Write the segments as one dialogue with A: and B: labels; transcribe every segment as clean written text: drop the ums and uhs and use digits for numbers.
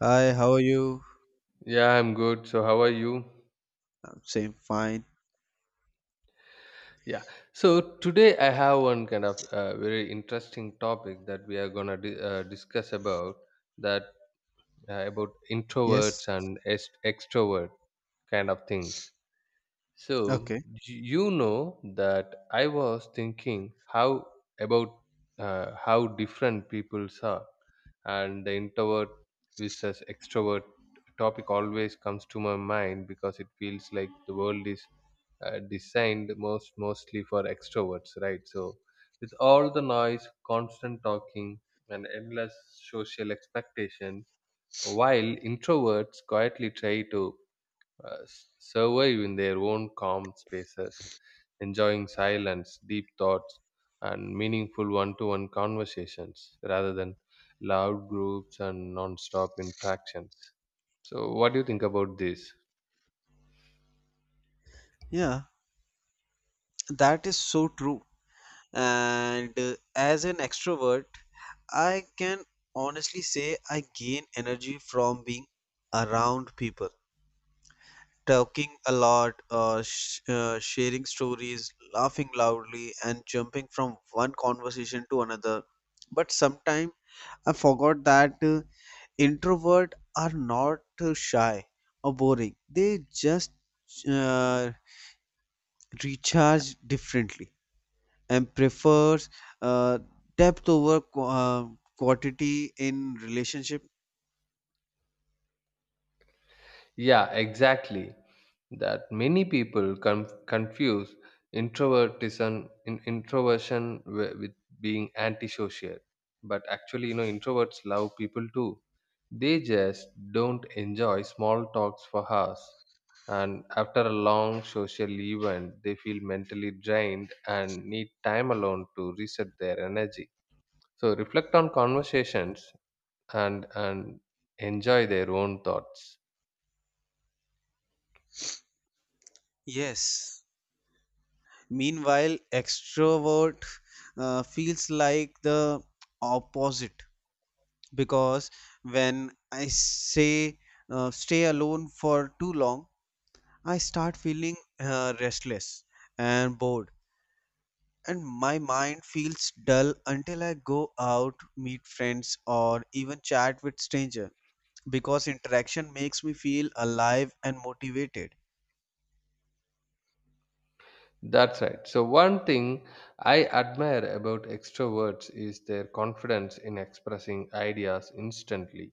A: Hi, how are you?
B: Yeah, I'm good. So, how are you?
A: I'm saying fine.
B: Yeah. So, today I have one kind of very interesting topic that we are going to discuss about that about introverts
A: Yes.
B: and extrovert kind of things. So
A: Okay.
B: you know that I was thinking how about how different peoples are, and the introvert versus extrovert topic always comes to my mind because it feels like the world is designed mostly for extroverts, right? So with all the noise, constant talking, and endless social expectations, while introverts quietly try to survive in their own calm spaces, enjoying silence, deep thoughts, and meaningful one to one conversations rather than loud groups and non stop interactions. So, what do you think about this?
A: Yeah, that is so true. And as an extrovert, I can honestly say I gain energy from being around people, talking a lot, sh sharing stories, laughing loudly, and jumping from one conversation to another. But sometimes I forgot that. Introvert are not shy or boring, they just uh, recharge differently and prefers uh, depth over quantity in relationship.
B: Yeah, exactly. That many people confuse introvertition in introversion with being antisocial. But actually, you know, introverts love people too. They just don't enjoy small talks for hours. And after a long social event, they feel mentally drained and need time alone to reset their energy. So reflect on conversations and enjoy their own thoughts.
A: Yes, meanwhile extrovert feels like the opposite, because when I say stay alone for too long, I start feeling restless and bored, and my mind feels dull until I go out, meet friends, or even chat with stranger, because interaction makes me feel alive and motivated.
B: That's right. So, one thing I admire about extroverts is their confidence in expressing ideas instantly.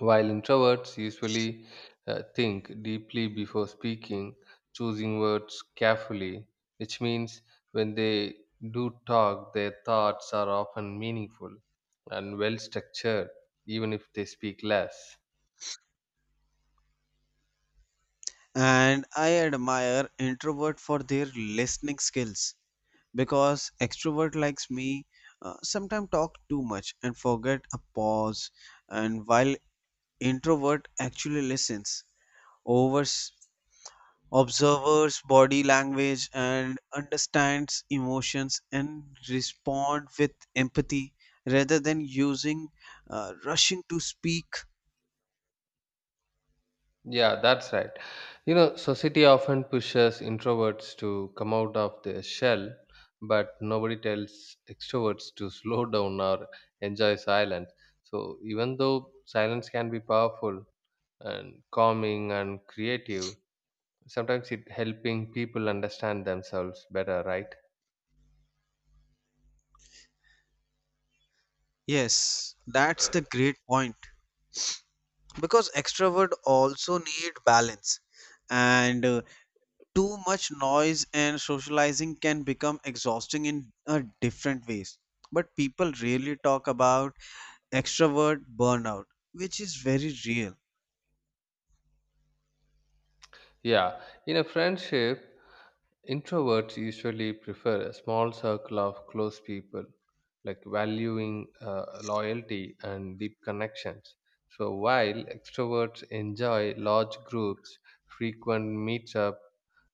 B: While introverts usually think deeply before speaking, choosing words carefully, which means when they do talk, their thoughts are often meaningful and well structured, even if they speak less.
A: And I admire introvert for their listening skills because extrovert likes me sometimes talk too much and forget a pause, and while introvert actually listens, overs observes body language and understands emotions and respond with empathy rather than using rushing to speak.
B: Yeah, that's right. You know, society often pushes introverts to come out of their shell, but nobody tells extroverts to slow down or enjoy silence. So, even though silence can be powerful and calming and creative, sometimes it helping people understand themselves better, right?
A: Yes, that's the great point, because extrovert also need balance, and too much noise and socializing can become exhausting in different ways, but people rarely talk about extrovert burnout, which is very real.
B: Yeah, in a friendship, introverts usually prefer a small circle of close people, like valuing loyalty and deep connections. So, while extroverts enjoy large groups, frequent meetup,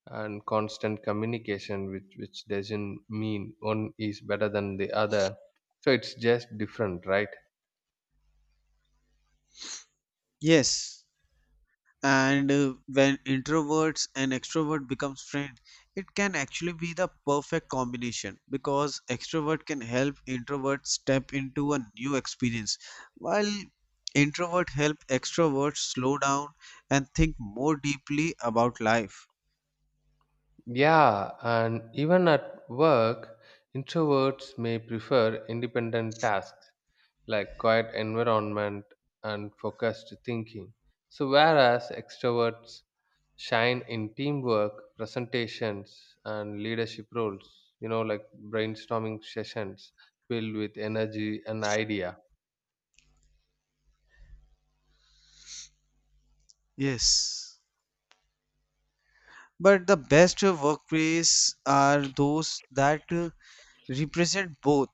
B: and constant communication, which doesn't mean one is better than the other. So, it's just different, right?
A: Yes, and when introverts and extrovert becomes friend, it can actually be the perfect combination, because extrovert can help introvert step into a new experience, while introvert help extrovert slow down and think more deeply about life.
B: Yeah, and even at work, introverts may prefer independent tasks like quiet environment and focused thinking. So, whereas extroverts shine in teamwork, presentations, and leadership roles, you know, like brainstorming sessions filled with energy and idea.
A: Yes, but the best workplace are those that represent both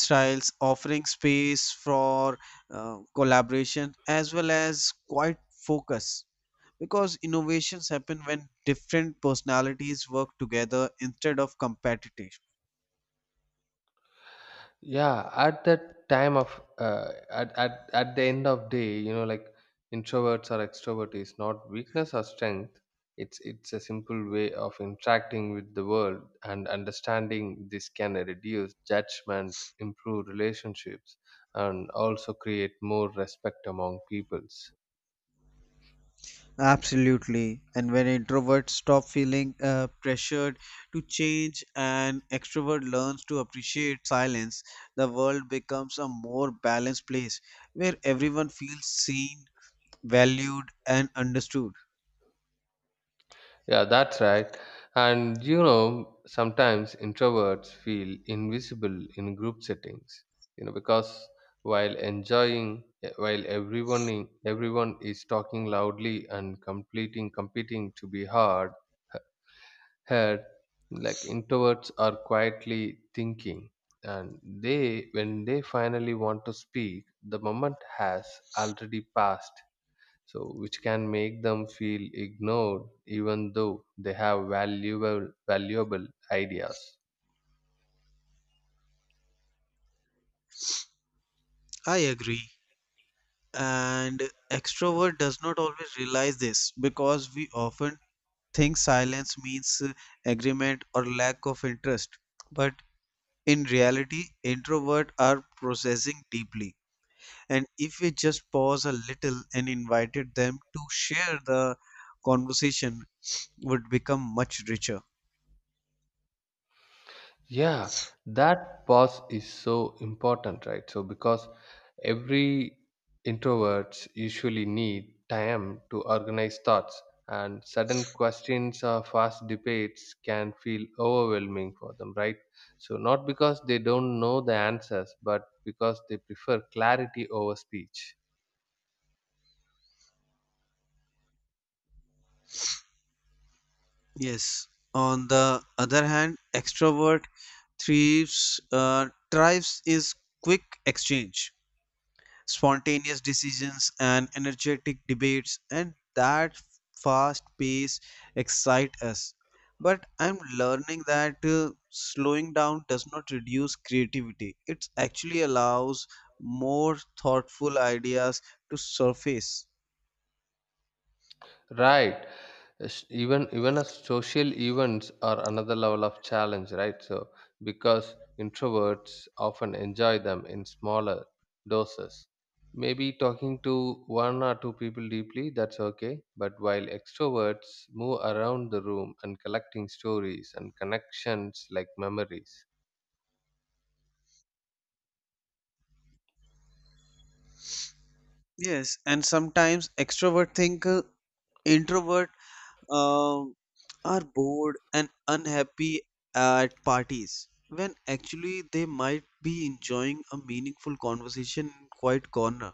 A: styles, offering space for collaboration as well as quiet focus, because innovations happen when different personalities work together instead of competition.
B: Yeah, at that time of at the end of day, you know, like introverts or extrovert is not weakness or strength, it's a simple way of interacting with the world, and understanding this can reduce judgment, improve relationships, and also create more respect among peoples.
A: Absolutely, and when introverts stop feeling pressured to change and extrovert learns to appreciate silence, the world becomes a more balanced place where everyone feels seen, valued and understood.
B: Yeah, that's right. And you know, sometimes introverts feel invisible in group settings, you know, because while everyone is talking loudly and completing competing to be heard, like introverts are quietly thinking, and they when they finally want to speak, the moment has already passed, so which can make them feel ignored even though they have valuable ideas.
A: I agree, and extrovert does not always realize this because we often think silence means agreement or lack of interest, but in reality introvert are processing deeply, and if we just pause a little and invited them to share, the conversation would become much richer.
B: Yeah, that pause is so important, right? So because every introverts usually need time to organize thoughts, and sudden questions or fast debates can feel overwhelming for them, right? So not because they don't know the answers, but because they prefer clarity over speech.
A: Yes, on the other hand extrovert thrives is quick exchange, spontaneous decisions and energetic debates, and that fast pace excite us, but I'm learning that slowing down does not reduce creativity, it actually allows more thoughtful ideas to surface.
B: Right. Even as social events are another level of challenge, right? So because introverts often enjoy them in smaller doses. Maybe talking to one or two people deeply, that's okay. But while extroverts move around the room and collecting stories and connections like memories.
A: Yes, and sometimes extrovert think introvert um, are bored and unhappy at parties, when actually they might be enjoying a meaningful conversation in quiet corner,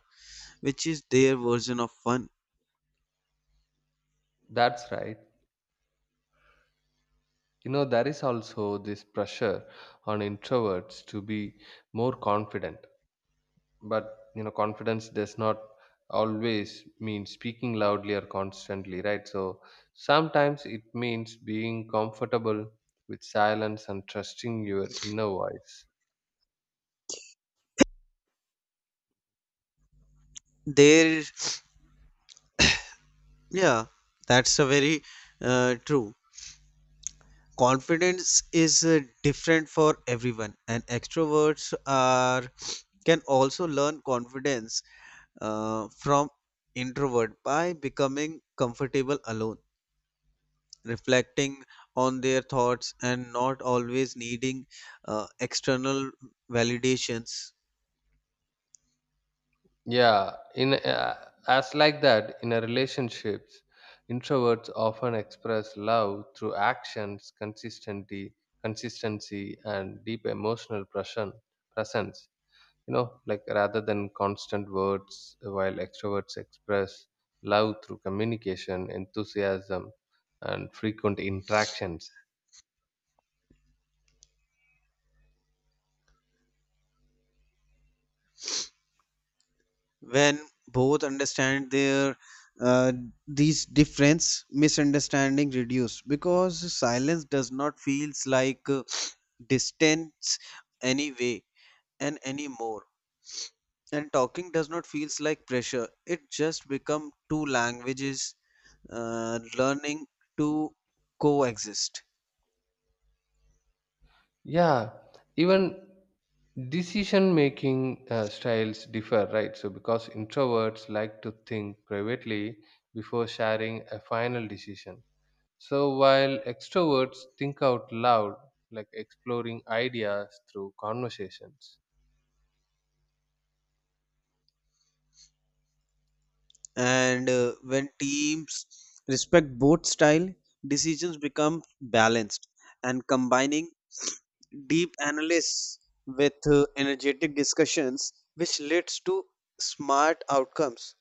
A: which is their version of fun.
B: That's right. You know, there is also this pressure on introverts to be more confident, but you know, confidence does not always mean speaking loudly or constantly, right? So sometimes it means being comfortable with silence and trusting your inner voice.
A: There, yeah, that's a very true. Confidence is different for everyone, and extroverts are can also learn confidence from introvert by becoming comfortable alone, reflecting on their thoughts and not always needing external validations.
B: Yeah, in as like that in a relationships, introverts often express love through actions, consistency and deep emotional presence, you know, like rather than constant words, while extroverts express love through communication, enthusiasm, and frequent interactions.
A: When both understand their uh, these difference, misunderstanding reduce, because silence does not feels like distance anyway and anymore, and talking does not feels like pressure, it just become two languages learning to coexist.
B: Yeah, even decision making styles differ, right? So because introverts like to think privately before sharing a final decision, so while extroverts think out loud, like exploring ideas through conversations.
A: And when teams respect both style, decisions become balanced and combining deep analysis with energetic discussions, which leads to smart outcomes.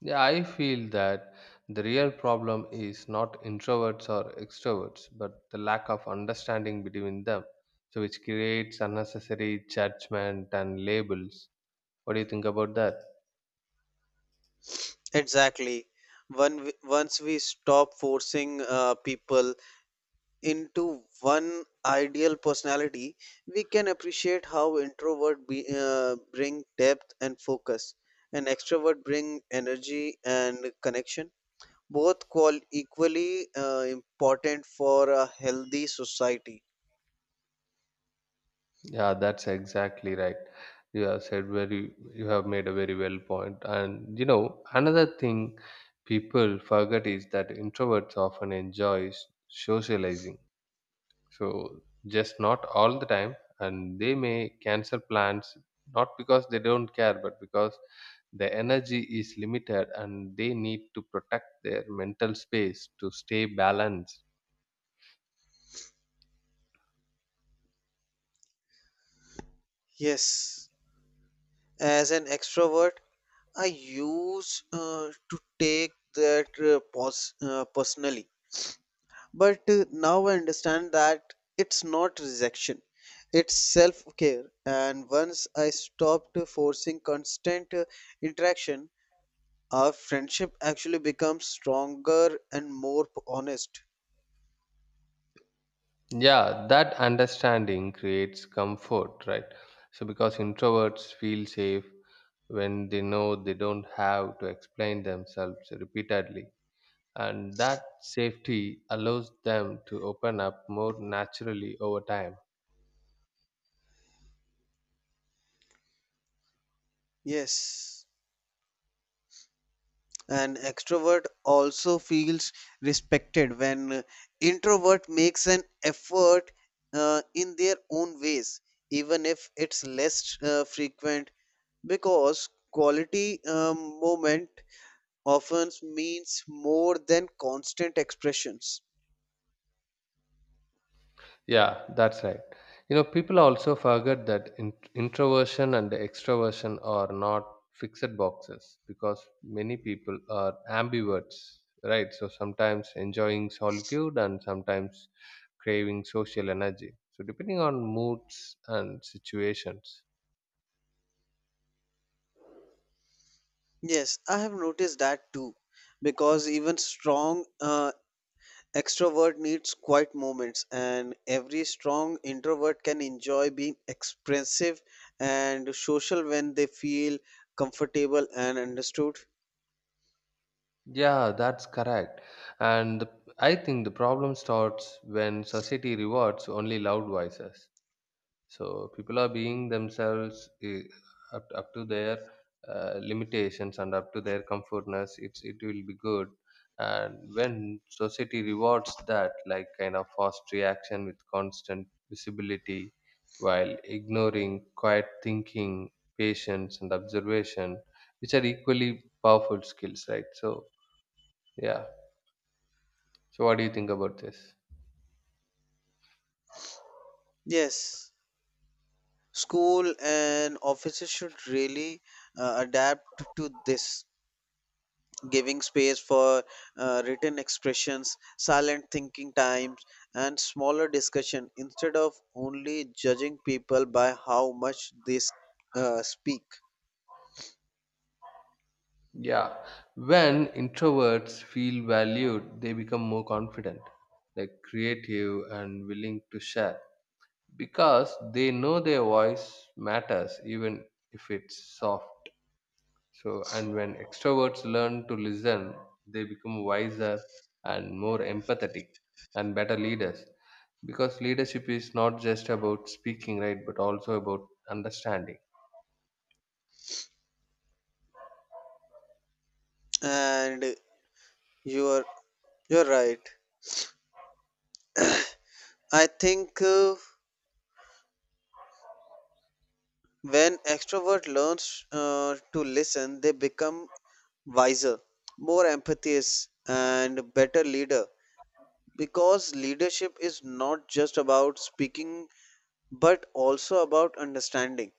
B: Yeah, I feel that the real problem is not introverts or extroverts, but the lack of understanding between them, so which creates unnecessary judgment and labels. What do you think about that?
A: Exactly, once we stop forcing people into one ideal personality, we can appreciate how introvert bring depth and focus, and extrovert bring energy and connection, both call equally important for a healthy society.
B: Yeah, that's exactly right. You have said very, you have made a very well point. And you know, another thing people forget is that introverts often enjoy socializing. So just not all the time, and they may cancel plans not because they don't care, but because the energy is limited and they need to protect their mental space to stay balanced.
A: Yes, as an extrovert I use to take that personally, but now I understand that it's not rejection, it's self care, and once I stopped forcing constant interaction, our friendship actually becomes stronger and more honest.
B: Yeah, that understanding creates comfort, right? So because introverts feel safe when they know they don't have to explain themselves repeatedly. And that safety allows them to open up more naturally over time.
A: Yes. An extrovert also feels respected when introvert makes an effort in their own ways, even if it's less frequent, because quality moment often means more than constant expressions.
B: Yeah, that's right. You know, people also forget that introversion and extroversion are not fixed boxes because many people are ambiverts, right? So sometimes enjoying solitude and sometimes craving social energy. So depending on moods and situations.
A: Yes, I have noticed that too, because even strong extrovert needs quiet moments, and every strong introvert can enjoy being expressive and social when they feel comfortable and understood.
B: Yeah, that's correct. And the, I think the problem starts when society rewards only loud voices. So people are being themselves, eh, up to their limitations and up to their comfortness. It's it will be good, and when society rewards that, like kind of fast reaction with constant visibility, while ignoring quiet thinking, patience, and observation, which are equally powerful skills, right? So yeah. So what do you think about this?
A: Yes, school and offices should really adapt to this, giving space for written expressions, silent thinking times, and smaller discussion instead of only judging people by how much they speak.
B: Yeah, when introverts feel valued, they become more confident, like creative and willing to share because they know their voice matters even if it's soft. So, and when extroverts learn to listen, they become wiser and more empathetic and better leaders because leadership is not just about speaking, right, but also about understanding.
A: And your You're right. I think when extrovert learns to listen, they become wiser, more empathious, and better leader. Because leadership is not just about speaking, but also about understanding.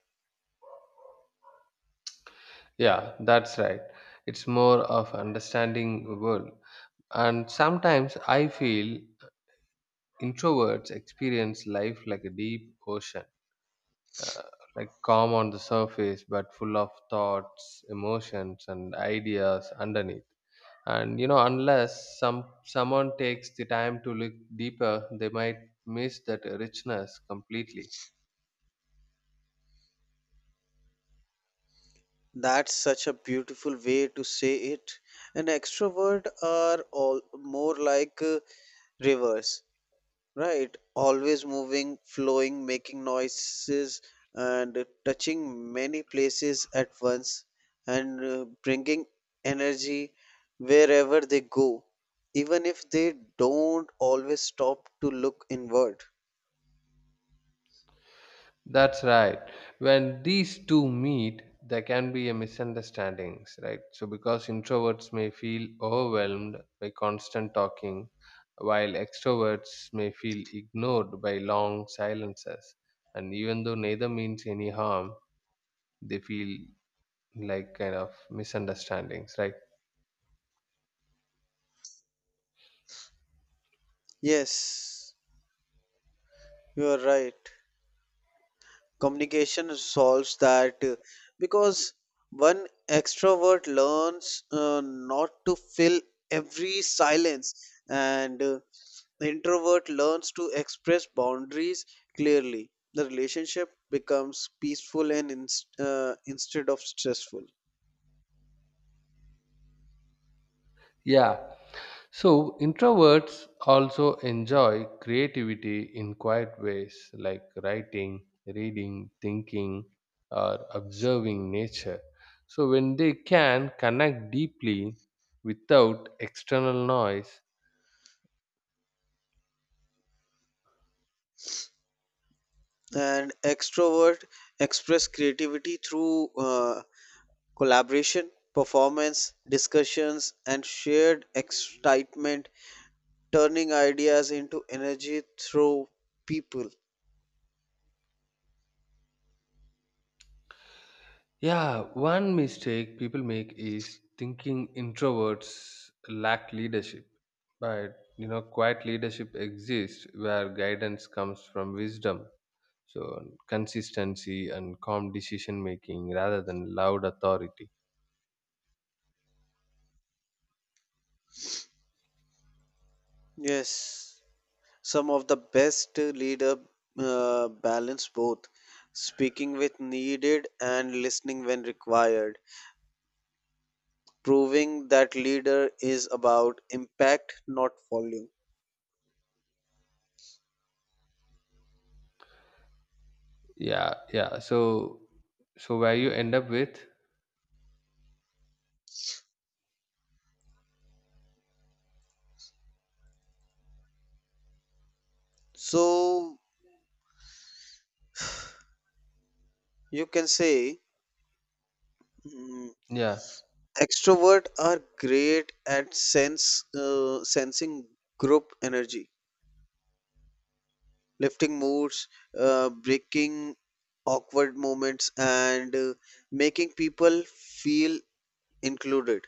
B: Yeah, that's right. It's more of understanding the world. And sometimes I feel introverts experience life like a deep ocean, uh, like calm on the surface, but full of thoughts, emotions, and ideas underneath. And you know, unless someone takes the time to look deeper, they might miss that richness completely.
A: That's such a beautiful way to say it. And extrovert are all more like rivers. Right, always moving, flowing, making noises, and touching many places at once, and bringing energy wherever they go, even if they don't always stop to look inward.
B: That's right. When these two meet, there can be a misunderstandings, right? So because introverts may feel overwhelmed by constant talking, while extroverts may feel ignored by long silences. And even though neither means any harm, they feel like kind of misunderstandings, right?
A: Yes, you are right. Communication solves that because one extrovert learns not to fill every silence, and the introvert learns to express boundaries clearly, the relationship becomes peaceful and instead of stressful.
B: Yeah. So, introverts also enjoy creativity in quiet ways like writing, reading, thinking, or observing nature. So, when they can connect deeply without external noise,
A: And extrovert express creativity through collaboration, performance discussions and shared excitement, turning ideas into energy through people.
B: yeah, one mistake people make is thinking introverts lack leadership. But you know, quiet leadership exists where guidance comes from wisdom. So consistency and calm decision making rather than loud authority.
A: Yes, some of the best leader balance both, speaking with needed and listening when required, proving that leader is about impact, not volume.
B: Yeah, yeah. So so where you end up with?
A: So you can say, mm,
B: Yeah.
A: extrovert are great at sense sensing group energy, lifting moods, breaking awkward moments, and making people feel included.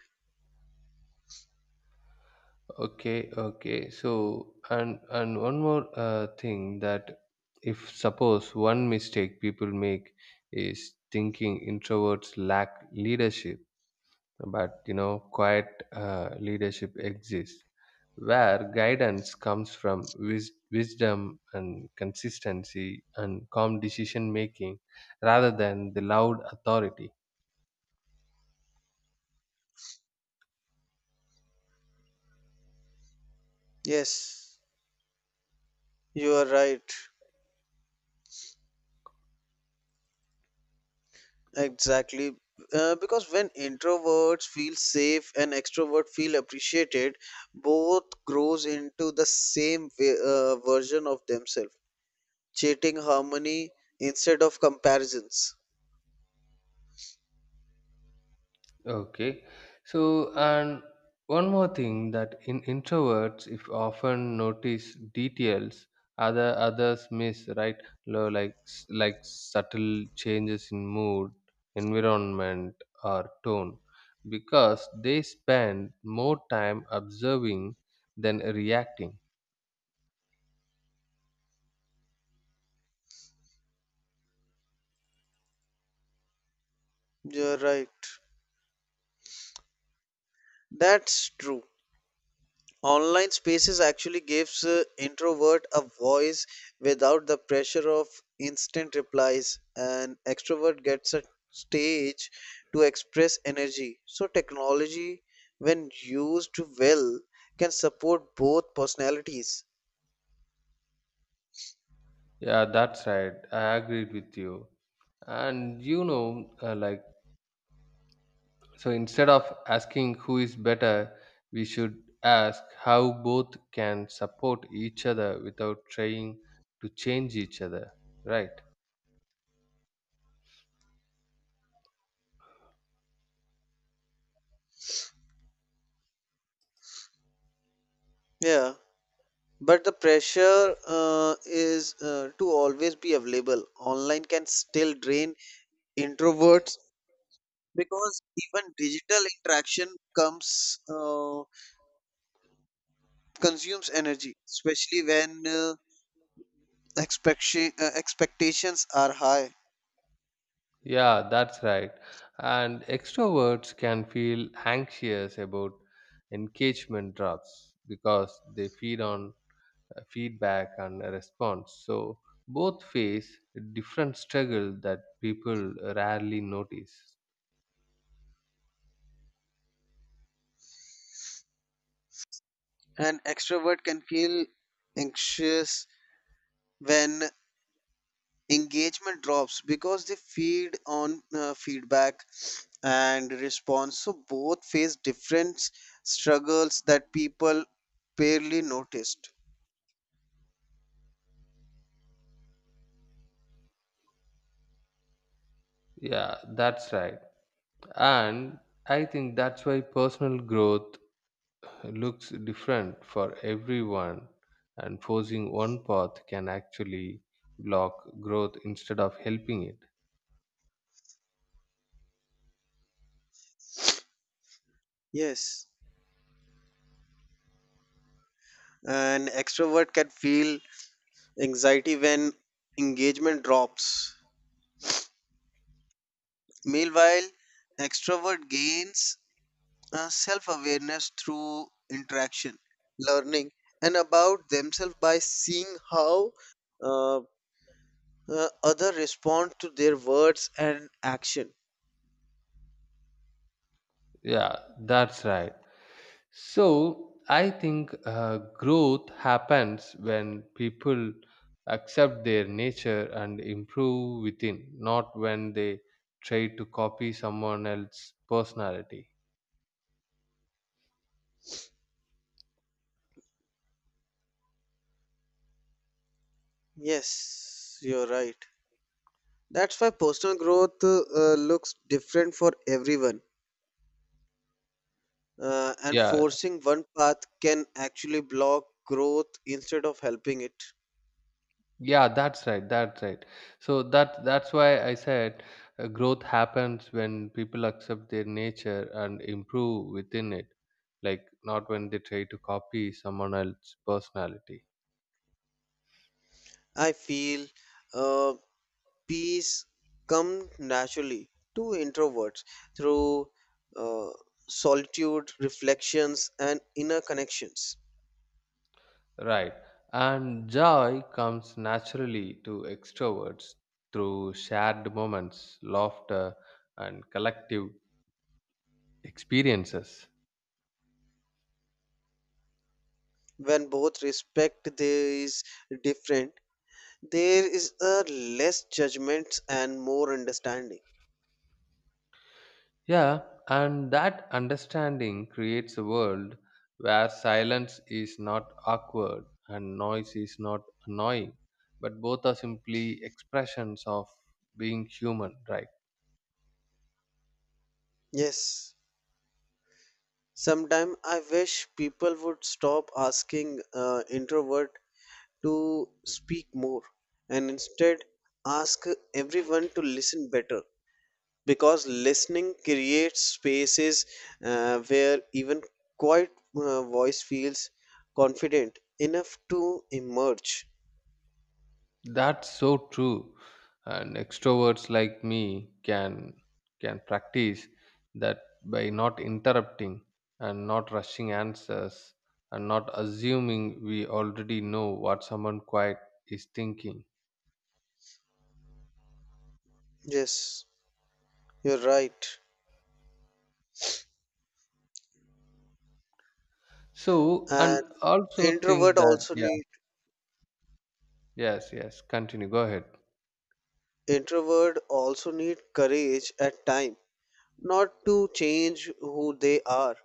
B: Okay, okay. So and one more thing that if suppose one mistake people make is thinking introverts lack leadership, but you know quiet leadership exists, where guidance comes from wisdom and consistency and calm decision making rather than the loud authority.
A: Yes, you are right. Exactly. Because when introverts feel safe and extrovert feel appreciated, both grows into the same version of themselves, creating harmony instead of comparisons.
B: Okay, so and one more thing that in introverts if often notice details others miss, right? Like subtle changes in mood, environment, or tone because they spend more time observing than reacting.
A: You're right. That's true. Online spaces actually gives introvert a voice without the pressure of instant replies, and extrovert gets a stage to express energy. So technology, when used well, can support both personalities.
B: Yeah, that's right. I agreed with you. And you know, like, so instead of asking who is better, we should ask how both can support each other without trying to change each other, right?
A: Yeah, but the pressure is to always be available. Online can still drain introverts, because even digital interaction comes. Consumes energy, especially when expectations are high.
B: Yeah, that's right. And extroverts can feel anxious about engagement drops because they feed on feedback and response. So both face different struggle that people rarely notice.
A: An extrovert can feel anxious when engagement drops because they feed on feedback and response. So both face different struggles that people barely noticed.
B: Yeah, that's right. And I think that's why personal growth looks different for everyone, and forcing one path can actually block growth instead of helping it.
A: Yes, an extrovert can feel anxiety when engagement drops. Meanwhile, extrovert gains self awareness through interaction, learning, and about themselves by seeing how uh, other respond to their words and action.
B: Yeah, that's right. So I think growth happens when people accept their nature and improve within, not when they try to copy someone else's personality.
A: Yes, you're right. That's why personal growth looks different for everyone, and
B: Yeah,
A: forcing one path can actually block growth instead of helping it.
B: yeah, that's right, that's right. So that that's why I said growth happens when people accept their nature and improve within it, like not when they try to copy someone else's personality.
A: I feel. Uh, Peace comes naturally to introverts through uh, solitude, reflections, and inner connections.
B: Right. And joy comes naturally to extroverts through shared moments, laughter, and collective experiences.
A: When both respect these different, there is a less judgment and more understanding.
B: Yeah, and that understanding creates a world where silence is not awkward and noise is not annoying, but both are simply expressions of being human, right?
A: Yes, sometimes I wish people would stop asking introvert to speak more, and instead ask everyone to listen better, because listening creates spaces where even quiet voice feels confident enough to emerge.
B: That's so true. And extroverts like me can practice that by not interrupting and not rushing answers and not assuming we already know what someone quiet is thinking.
A: Yes, you're right.
B: So and
A: and
B: also think
A: introvert
B: that
A: also
B: yeah,
A: need
B: yes, yes, continue, go ahead.
A: Introvert also need courage at time, not to change who they are,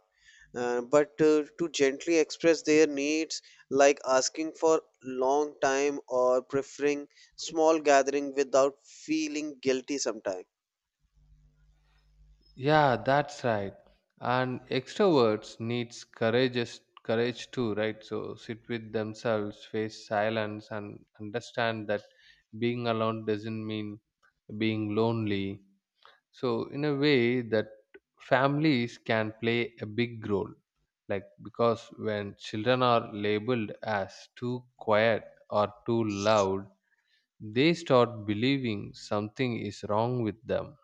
A: but to gently express their needs, like asking for long time or preferring small gathering without feeling guilty sometimes.
B: Yeah, that's right. And extroverts needs courage too, right? So sit with themselves, face silence, and understand that being alone doesn't mean being lonely. So in a way that families can play a big role, like because when children are labeled as too quiet or too loud, they start believing something is wrong with them.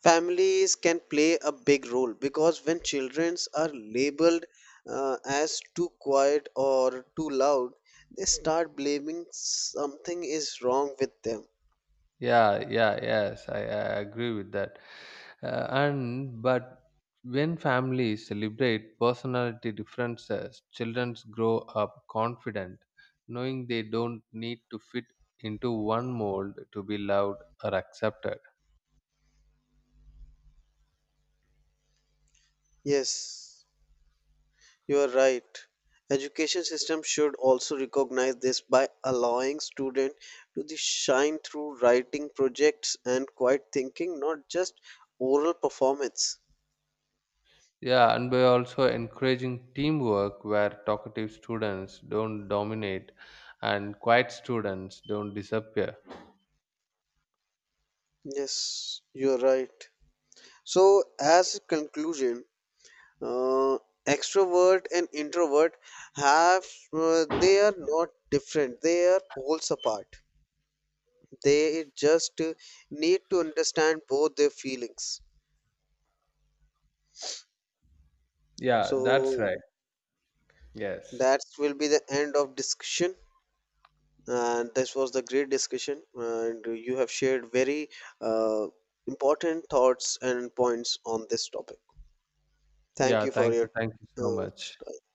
A: Families can play a big role, because when children are labeled as too quiet or too loud, they start blaming something is wrong with them.
B: Yeah, yeah, yes, I agree with that. And but when families celebrate personality differences, children grow up confident, knowing they don't need to fit into one mold to be loved or accepted.
A: Yes, you are right. Education system should also recognize this by allowing students to the shine through writing projects and quiet thinking, not just oral performance.
B: Yeah, and by also encouraging teamwork where talkative students don't dominate and quiet students don't disappear.
A: Yes, you are right. So, as a conclusion, uh, extrovert and introvert have, they are not different, they are poles apart, they just need to understand both their feelings.
B: Yeah, that's
A: So
B: right. Yes.
A: that will be the end of discussion, and this was the great discussion and you have shared very uh, important thoughts and points on this topic. Thank
B: Yeah,
A: you for
B: thank you,
A: your
B: thank you so much.
A: uh,